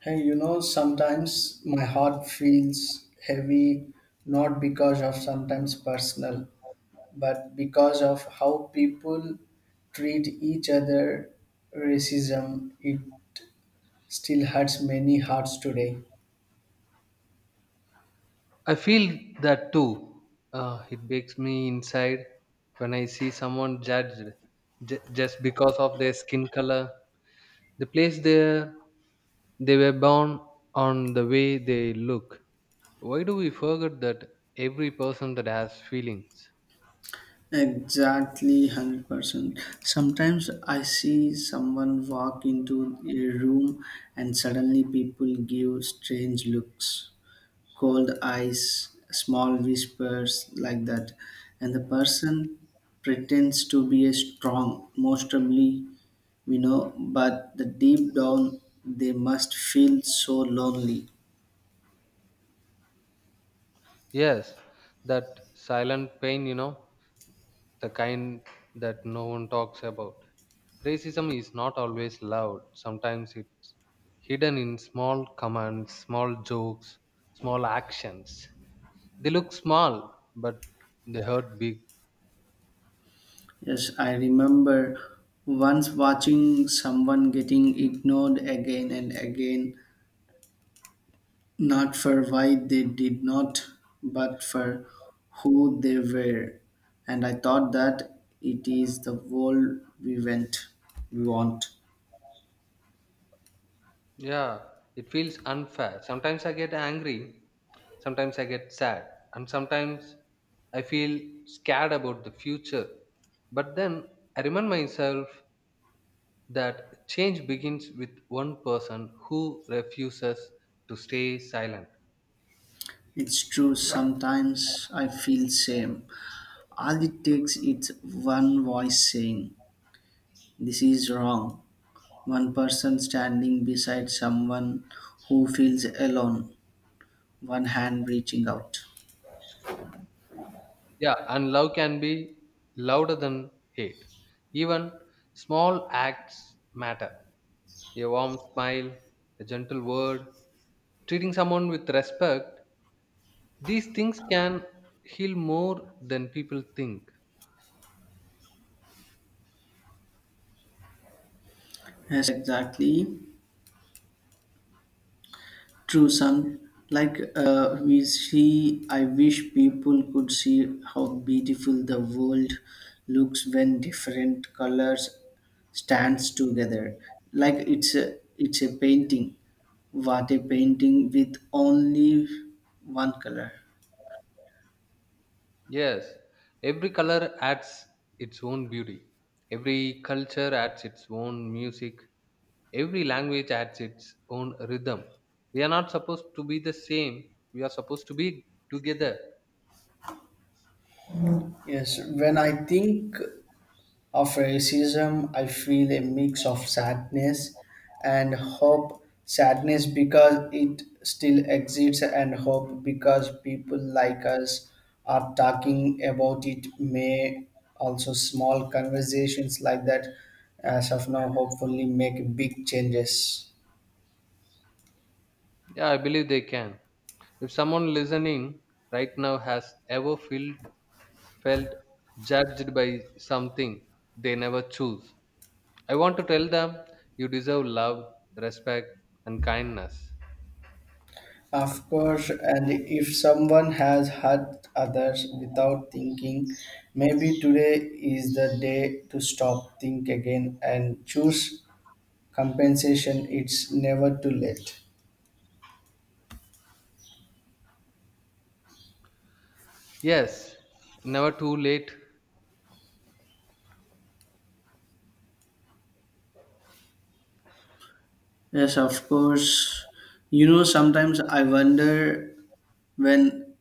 Hey, you know, sometimes my heart feels heavy, not because of sometimes personal, but because of how people treat each other. Racism, it still hurts many hearts today. I feel that too. It breaks me inside when I see someone judged just because of their skin color, the place they were born, on the way they look. Why do we forget that every person that has feelings? Exactly, 100%. Sometimes I see someone walk into a room, and suddenly people give strange looks, cold eyes, small whispers like that. And the person pretends to be a strong, most probably we know, but the deep down they must feel so lonely. Yes, that silent pain, you know, the kind that no one talks about. Racism is not always loud, sometimes it's hidden in small commands, small jokes, small actions. They look small, but they hurt big. Yes, I remember once watching someone getting ignored again and again. Not for why they did not, but for who they were. And I thought that it is the world we want. Yeah, it feels unfair. Sometimes I get angry, sometimes I get sad, and sometimes I feel scared about the future. But then I remind myself that change begins with one person who refuses to stay silent. It's true, sometimes I feel same. All it takes is one voice saying this is wrong. One person standing beside someone who feels alone, one hand reaching out. Yeah, and love can be louder than hate. Even small acts matter. A warm smile, a gentle word, treating someone with respect, these things can heal more than people think. Yes, exactly. True, some like we see. I wish people could see how beautiful the world looks when different colors stands together. Like it's a painting. What a painting with only one color. Yes, every color adds its own beauty. Every culture adds its own music. Every language has its own rhythm. We are not supposed to be the same, we are supposed to be together. Yes, when I think of racism, I feel a mix of sadness and hope. Sadness because it still exists, and hope because people like us are talking about it. May also small conversations like that, as of now, hopefully make big changes. Yeah, I believe they can. If someone listening right now has ever felt judged by something they never choose, I want to tell them you deserve love, respect, and kindness. Of course, and if someone has hurt others without thinking, maybe today is the day to stop, think again, and choose compensation. It's never too late. Yes, never too late. Yes, of course. You know, sometimes I wonder, when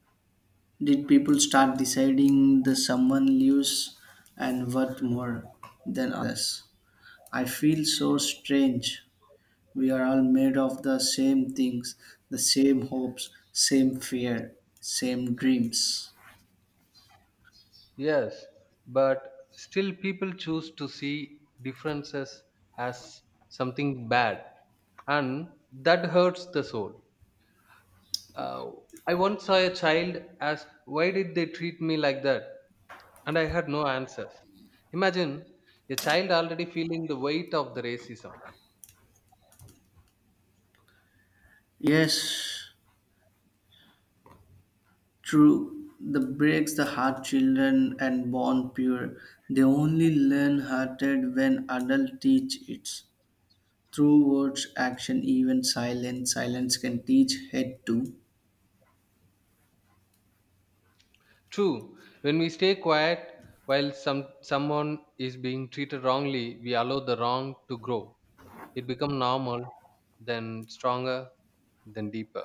did people start deciding that someone lives and worth more than others. I feel so strange. We are all made of the same things, the same hopes, same fear, same dreams. Yes, but still people choose to see differences as something bad, and that hurts the soul. Uh, I once saw a child ask, "Why did they treat me like that?" And I had no answers. Imagine a child already feeling the weight of the racism. Yes, true, the breaks the heart children and born pure. They only learn hearted when adult teach it. Through words, action, even silence, silence can teach head too. True, when we stay quiet while someone is being treated wrongly, we allow the wrong to grow. It become normal, then stronger, then deeper.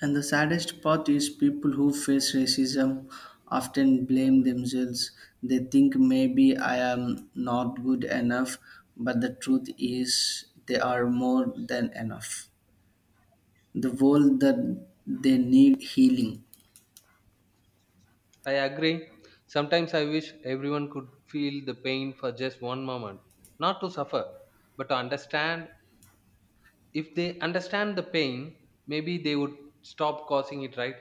And the saddest part is people who face racism often blame themselves. They think maybe I am not good enough, but the truth is they are more than enough. The world that they need healing. I agree. Sometimes I wish everyone could feel the pain for just one moment, not to suffer but to understand. If they understand the pain, maybe they would stop causing it, right?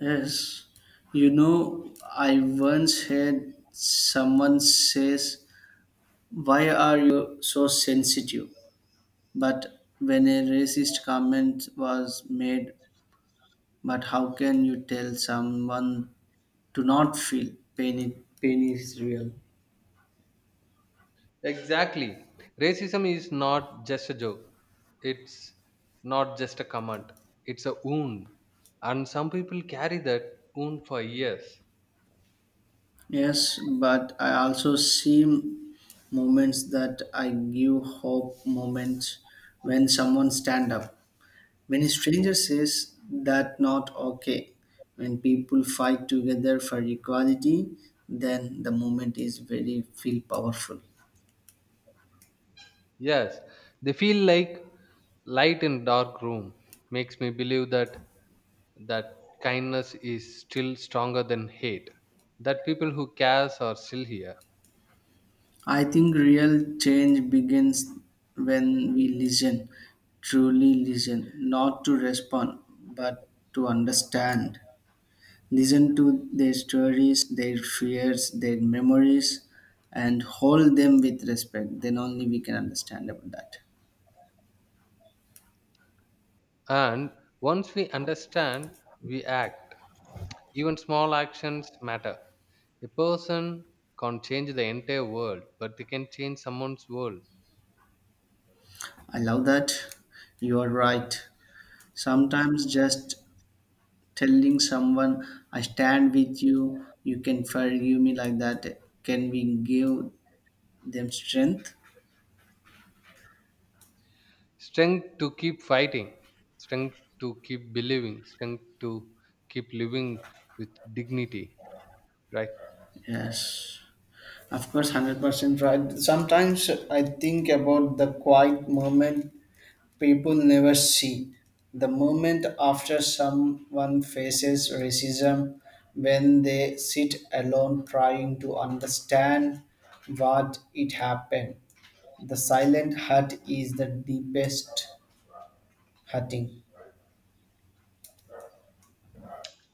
Yes, you know, I once heard someone says, "Why are you so sensitive?" But when a racist comment was made, but how can you tell someone to not feel pain? It, pain is real. Exactly. Racism is not just a joke, it's not just a comment, it's a wound, and some people carry that wound for years. Yes, but I also see moments that I give hope moments when someone stand up. When a stranger says that not okay, when people fight together for equality, then the movement is very feel powerful. Yes, they feel like light in dark room. Makes me believe that that kindness is still stronger than hate. That people who cares are still here. I think real change begins when we listen, truly listen, not to respond, but to understand. Listen to their stories, their fears, their memories, and hold them with respect. Then only we can understand about that. And once we understand, we act. Even small actions matter. A person can't change the entire world, but they can change someone's world. I love that. You are right. Sometimes just telling someone, I stand with you, you can forgive me like that, can we give them strength? Strength to keep fighting, strength to keep believing, strength to keep living with dignity, right? Yes. Of course, 100% right. Sometimes I think about the quiet moment people never see. The moment after someone faces racism, when they sit alone trying to understand what it happened. The silent hurt is the deepest hurting.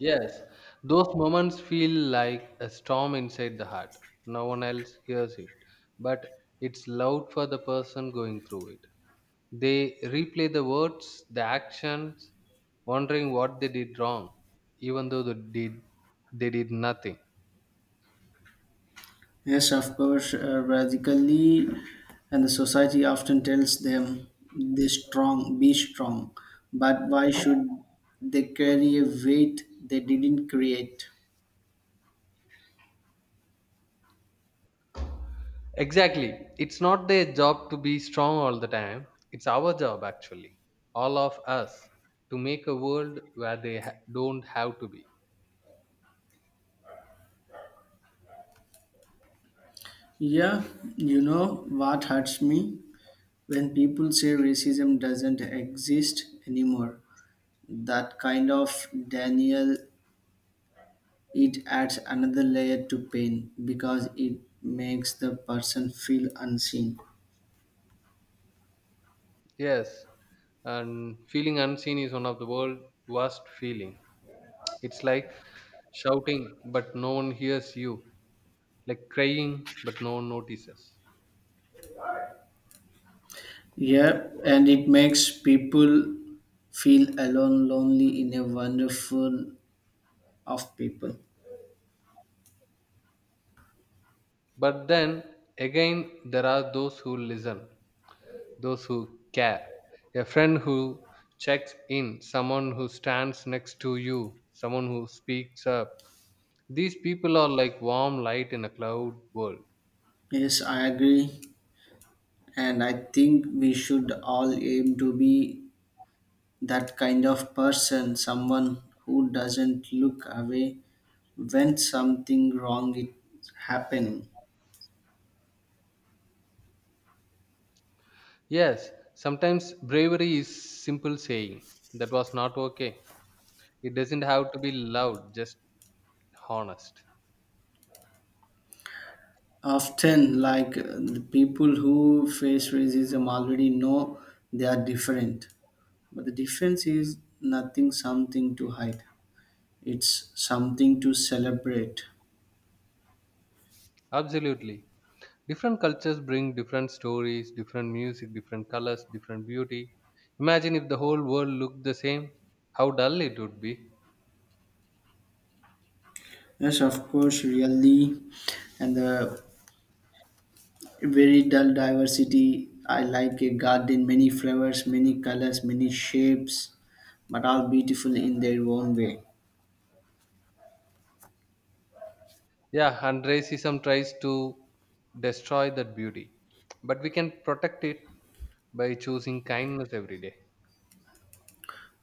Yes, those moments feel like a storm inside the heart. No one else hears it, but it's loud for the person going through it. They replay the words, the actions, wondering what they did wrong, even though they did nothing. Yes, of course, radically, and the society often tells them they strong, be strong. But why should they carry a weight they didn't create? Exactly. It's not their job to be strong all the time. It's our job, actually, all of us, to make a world where they don't have to be. Yeah, you know what hurts me? When people say racism doesn't exist anymore, that kind of denial, it adds another layer to pain because it makes the person feel unseen. Yes, and feeling unseen is one of the world's worst feeling. It's like shouting but no one hears you, like crying but no one notices. Yeah, and it makes people feel alone, lonely in a wonderful of people. But then again, there are those who listen, those who care. A friend who checks in, someone who stands next to you, someone who speaks up. These people are like warm light in a cloud world. Yes, I agree. And I think we should all aim to be that kind of person, someone who doesn't look away when something wrong is happening. Yes, sometimes bravery is simple saying that was not okay. It doesn't have to be loud, just honest. Often, like the people who face racism already know they are different, but the difference is nothing, something to hide. It's something to celebrate. Absolutely. Different cultures bring different stories, different music, different colors, different beauty. Imagine if the whole world looked the same, how dull it would be. Yes, of course, really. And the very dull diversity. I like a garden, many flowers, many colors, many shapes, but all beautiful in their own way. Yeah, and racism tries to destroy that beauty. But we can protect it by choosing kindness every day.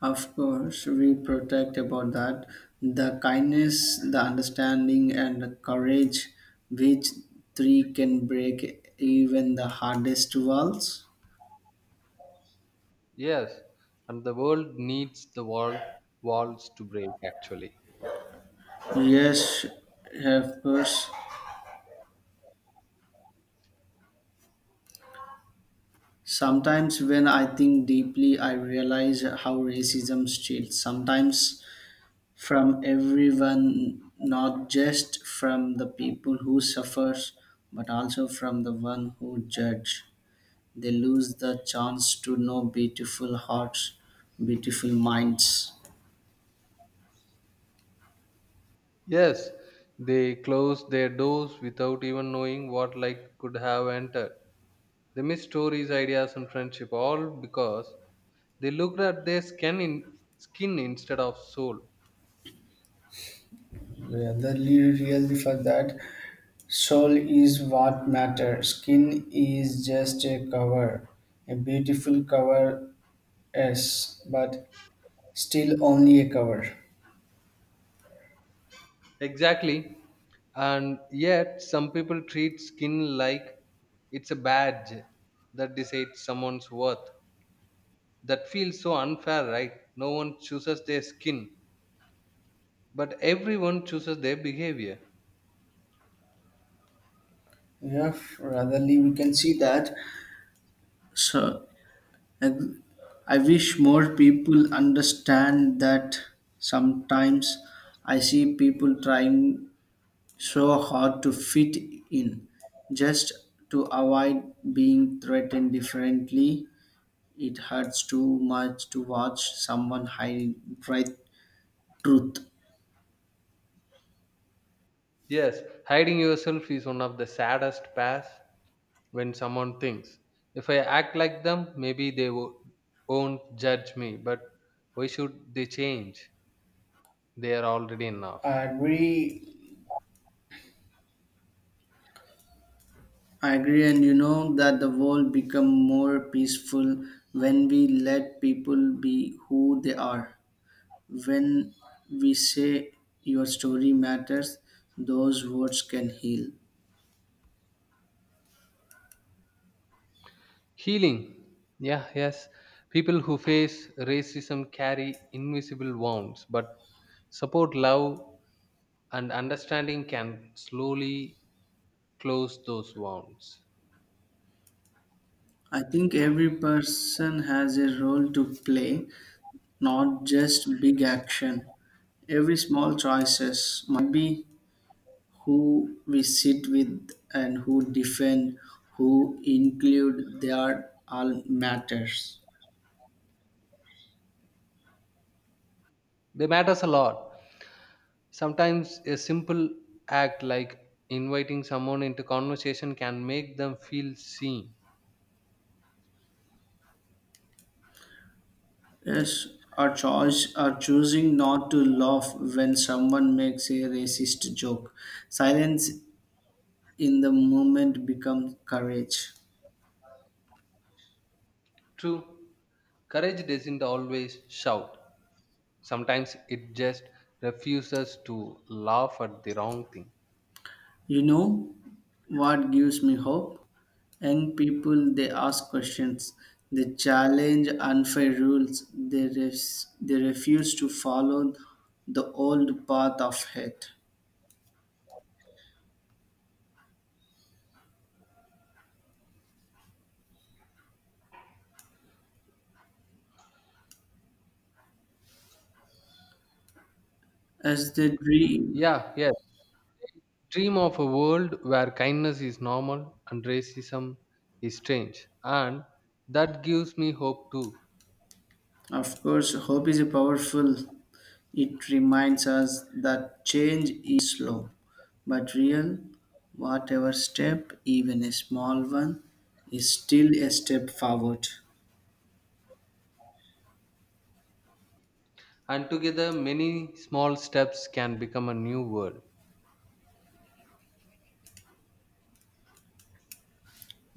Of course, we protect about that. The kindness, the understanding, and the courage which three can break even the hardest walls. Yes, and the world needs the walls to break actually. Yes, of course. Sometimes, when I think deeply, I realize how racism steals, sometimes from everyone, not just from the people who suffers, but also from the one who judge. They lose the chance to know beautiful hearts, beautiful minds. Yes, they closed their doors without even knowing what light could have entered. They missed stories, ideas, and friendship, all because they looked at their skin instead of soul. Really, really for that. Soul is what matters. Skin is just a cover, a beautiful cover, yes, but still only a cover. Exactly. And yet, some people treat skin like it's a badge that decides someone's worth. That feels so unfair, right? No one chooses their skin, but everyone chooses their behavior. Yeah, ratherly we can see that. So and I wish more people understand that sometimes I see people trying so hard to fit in just to avoid being threatened differently. It hurts too much to watch someone hide bright truth. Yes, hiding yourself is one of the saddest paths when someone thinks. If I act like them, maybe they won't judge me, but why should they change? They are already enough. I agree I agree, and you know that the world become more peaceful when we let people be who they are. When we say your story matters, those words can heal. Healing. Yeah, yes. People who face racism carry invisible wounds, but support, love, and understanding can slowly close those wounds. I think every person has a role to play, not just big action. Every small choices might be who we sit with and who defend, who include. They are all matters. They matters a lot. Sometimes a simple act like inviting someone into conversation can make them feel seen. Yes, our choice are choosing not to laugh when someone makes a racist joke. Silence in the moment becomes courage. True. Courage doesn't always shout. Sometimes it just refuses to laugh at the wrong thing. You know what gives me hope? Young people they ask questions, they challenge unfair rules, they refuse to follow the old path of hate. As they dream. Yeah, yes. Dream of a world where kindness is normal and racism is strange. And that gives me hope too. Of course, hope is powerful. It reminds us that change is slow but real. Whatever step, even a small one, is still a step forward. And together, many small steps can become a new world.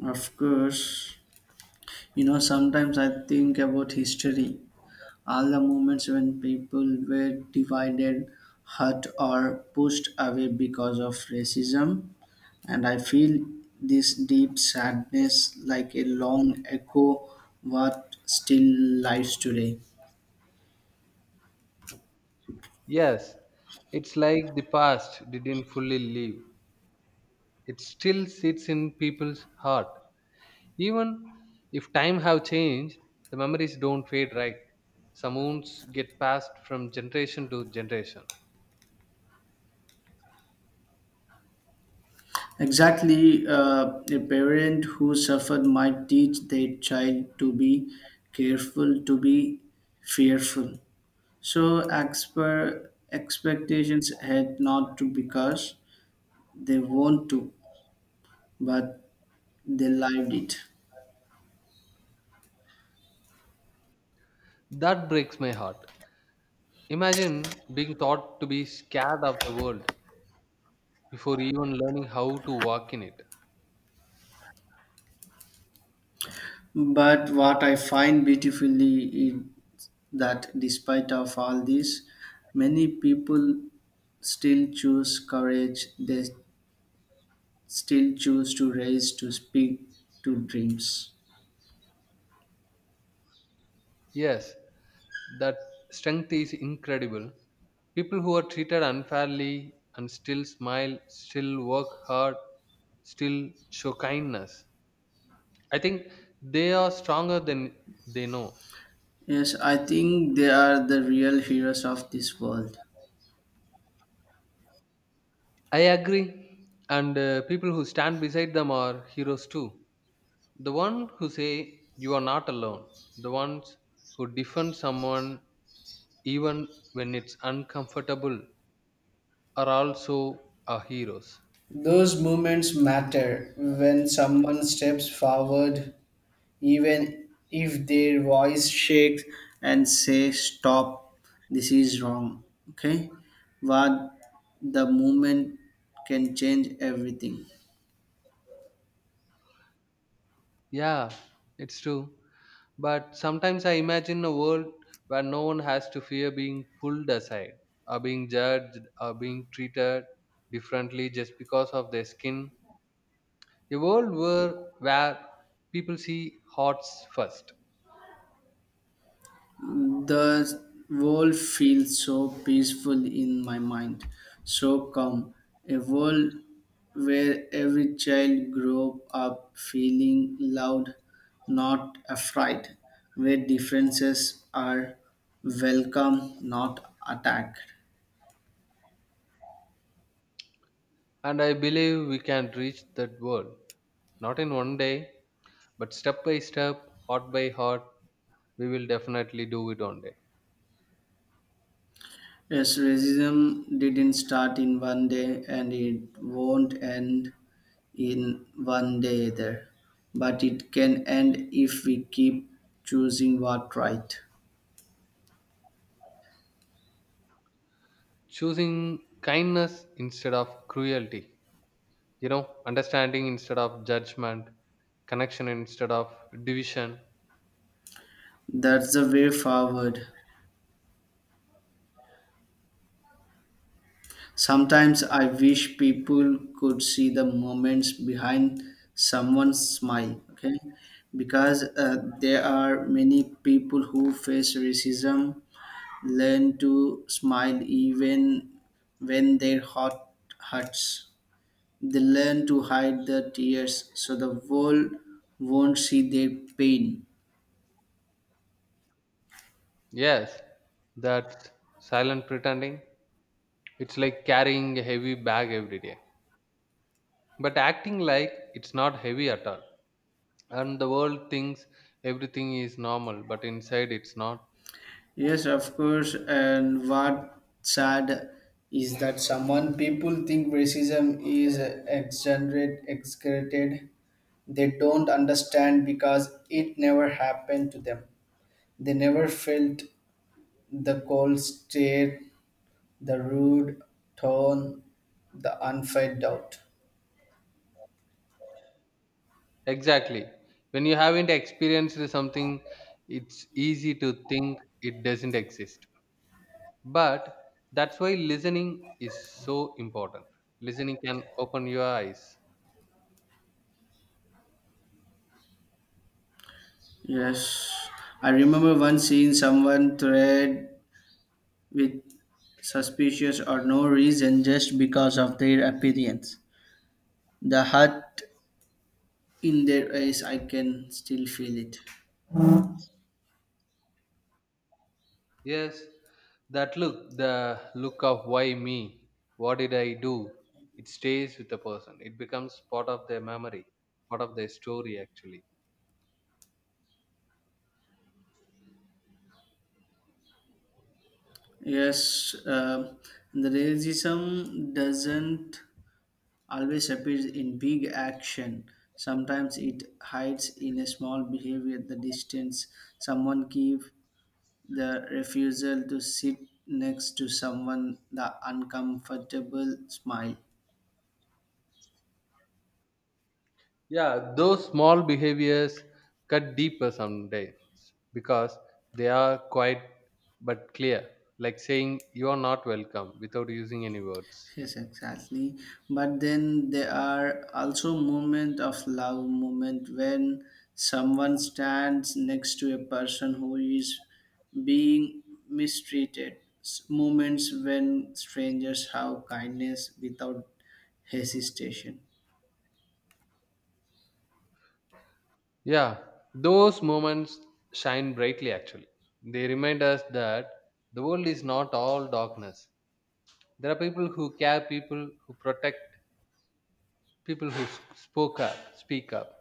Of course, you know, sometimes I think about history, all the moments when people were divided, hurt, or pushed away because of racism. And I feel this deep sadness like a long echo what still lives today. Yes, it's like the past didn't fully leave, it still sits in people's heart. Even if time have changed, the memories don't fade, right? Some wounds get passed from generation to generation. Exactly, a parent who suffered might teach their child to be careful, to be fearful. So, expectations had not to because they want to, but they lived it. That breaks my heart. Imagine being taught to be scared of the world before even learning how to walk in it. But what I find beautifully is that despite of all this, many people still choose courage. They still choose to raise, to speak, to dreams. Yes, that strength is incredible. People who are treated unfairly and still smile, still work hard, still show kindness. I think they are stronger than they know. Yes, I think they are the real heroes of this world. I agree. And people who stand beside them are heroes too. The one who say you are not alone. The ones who defend someone even when it's uncomfortable are also our heroes. Those moments matter when someone steps forward, even if their voice shakes, and say stop, this is wrong, okay, what, the movement can change everything. Yeah, it's true. But sometimes I imagine a world where no one has to fear being pulled aside or being judged or being treated differently just because of their skin, a world where people see hearts first. The world feels so peaceful in my mind, so calm, a world where every child grows up feeling loved, not afraid, where differences are welcome, not attacked. And I believe we can reach that world, not in one day, but step by step, heart by heart, we will definitely do it one day. Yes, racism didn't start in one day and it won't end in one day either. But it can end if we keep choosing what right. Choosing kindness instead of cruelty, you know, understanding instead of judgment, connection instead of division. That's the way forward. Sometimes I wish people could see the moments behind someone's smile, okay? Because there are many people who face racism learn to smile even when their heart hurts. They learn to hide their tears so the world won't see their pain. Yes, that silent pretending. It's like carrying a heavy bag every day, but acting like it's not heavy at all. And the world thinks everything is normal, but inside it's not. Yes, of course. And what sad is that someone people think racism is exaggerated. They don't understand because it never happened to them. They never felt the cold stare, the rude tone, the unfed doubt. Exactly. When you haven't experienced something, it's easy to think it doesn't exist, but that's why listening is so important. Listening can open your eyes. Yes, I remember once seeing someone thread with suspicious or no reason just because of their appearance. The hurt in their eyes, I can still feel it. Yes, that look, the look of why me, what did I do. It stays with the person, it becomes part of their memory, part of their story actually. Yes, the racism doesn't always appear in big action. Sometimes it hides in a small behavior, the distance someone keeps, the refusal to sit next to someone, the uncomfortable smile. Yeah, those small behaviors cut deeper someday because they are quite but clear, like saying you are not welcome without using any words. Yes, exactly. But then there are also moments of love, moment when someone stands next to a person who is being mistreated. Moments when strangers have kindness without hesitation. Yeah, those moments shine brightly actually. They remind us that the world is not all darkness. There are people who care, people who protect, people who speak up.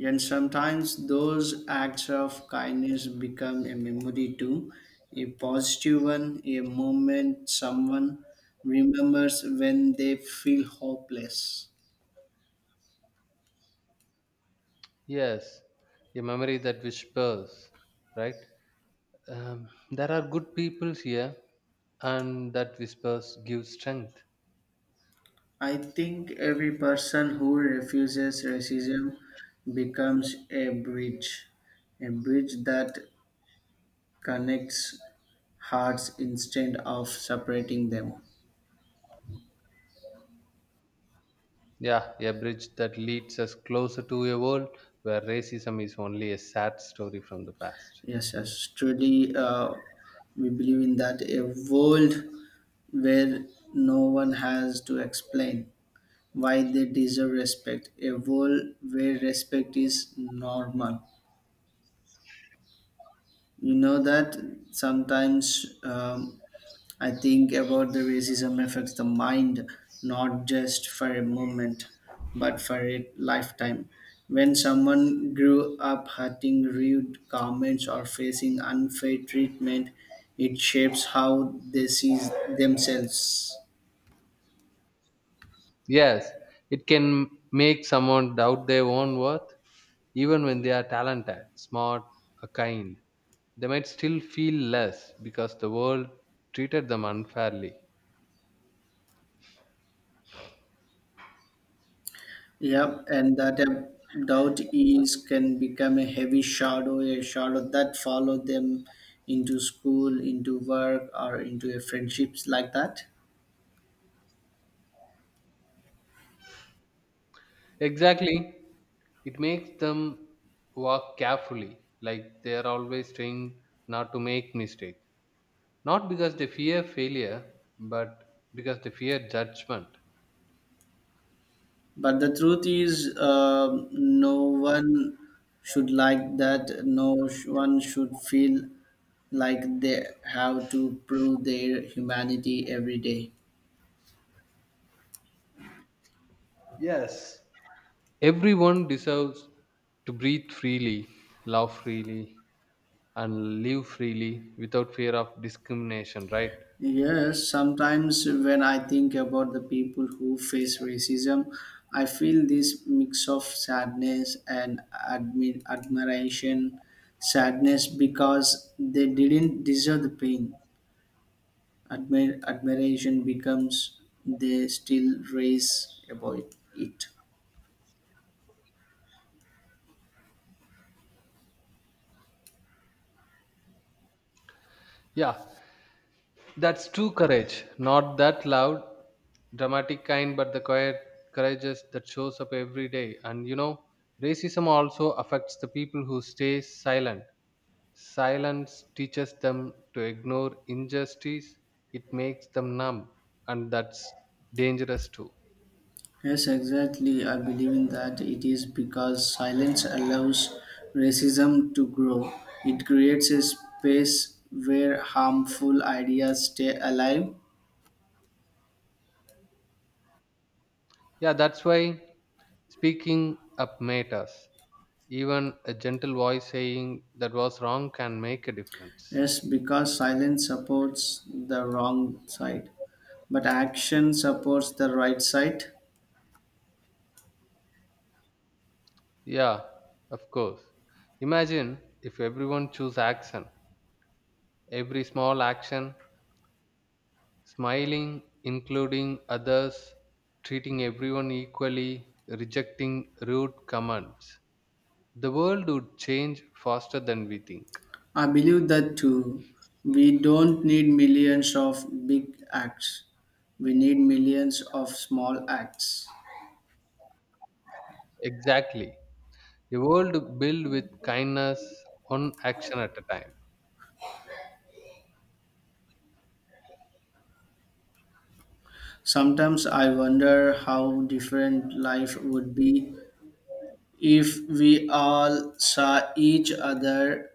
And sometimes those acts of kindness become a memory too, a positive one, a moment someone remembers when they feel hopeless. Yes, a memory that whispers, right? There are good people here and that whispers give strength. I think every person who refuses racism becomes a bridge that connects hearts instead of separating them. Yeah, a bridge that leads us closer to a world where racism is only a sad story from the past. Yes, yes, truly, we believe in that a world where no one has to explain why they deserve respect, a world where respect is normal. You know that sometimes I think about the racism affects the mind, not just for a moment, but for a lifetime. When someone grew up hurting rude comments or facing unfair treatment, it shapes how they see themselves. Yes, it can make someone doubt their own worth, even when they are talented, smart, or kind. They might still feel less because the world treated them unfairly. Yep, and doubt is can become a heavy shadow, a shadow that follow them into school, into work, or into a friendships like that. Exactly, it makes them walk carefully, like they are always trained not to make mistakes. Not because they fear failure, but because they fear judgment. But the truth is, no one should like that. No sh- one should feel like they have to prove their humanity every day. Yes. Everyone deserves to breathe freely, love freely, and live freely without fear of discrimination, right? Yes, sometimes when I think about the people who face racism, I feel this mix of sadness and admiration. Sadness because they didn't deserve the pain. Admiration becomes they still raise about it. Yeah, that's true courage. Not that loud, dramatic kind, but the quiet courageous that shows up every day. And you know, racism also affects the people who stay silent. Silence teaches them to ignore injustice, it makes them numb, and that's dangerous too. Yes, exactly. I believe in that it is because silence allows racism to grow. It creates a space where harmful ideas stay alive. Yeah, that's why speaking up matters. Even a gentle voice saying that was wrong can make a difference. Yes, because silence supports the wrong side, but action supports the right side. Yeah, of course. Imagine if everyone choose action. Every small action, smiling, including others, treating everyone equally, rejecting rude comments. The world would change faster than we think. I believe that too. We don't need millions of big acts, we need millions of small acts. Exactly. A world built with kindness, one action at a time. Sometimes I wonder how different life would be if we all saw each other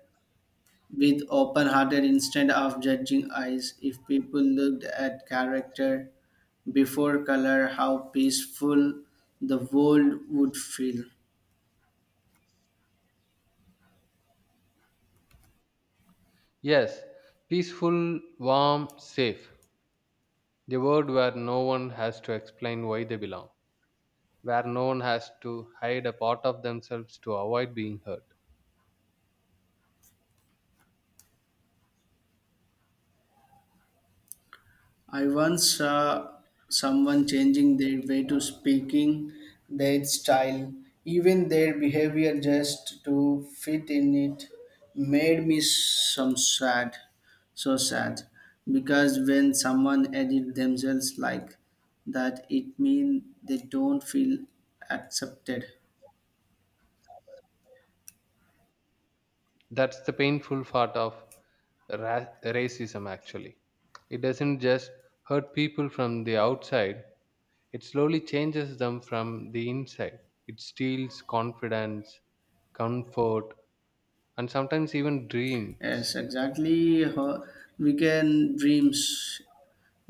with open hearted instead of judging eyes, if people looked at character before color, how peaceful the world would feel. Yes, peaceful, warm, safe. The world where no one has to explain why they belong, where no one has to hide a part of themselves to avoid being hurt. I once saw someone changing their way to speaking, their style, even their behavior just to fit in, it made me some sad, so sad. Because when someone edit themselves like that, it means they don't feel accepted. That's the painful part of racism, actually. It doesn't just hurt people from the outside. It slowly changes them from the inside. It steals confidence, comfort, and sometimes even dreams. Yes, exactly. Weekend dreams.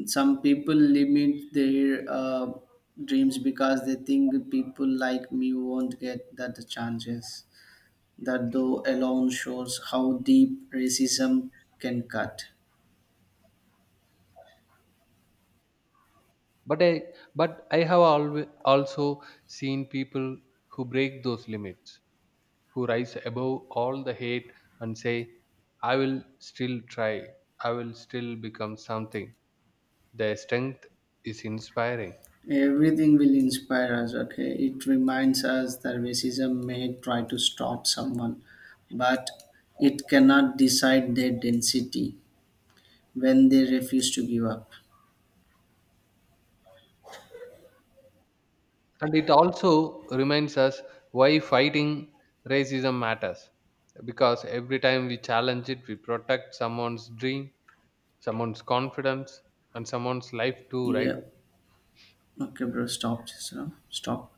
Some people limit their dreams because they think people like me won't get that chances. That though alone shows how deep racism can cut. But I, but I have always also seen people who break those limits, who rise above all the hate and say, "I will still try. I will still become something." Their strength is inspiring. Everything will inspire us, okay? It reminds us that racism may try to stop someone, but it cannot decide their density when they refuse to give up. And it also reminds us why fighting racism matters, because every time we challenge it we protect someone's dream, someone's confidence, and someone's life too, right? Yeah. Okay, bro. Stop. Just, you know, stop.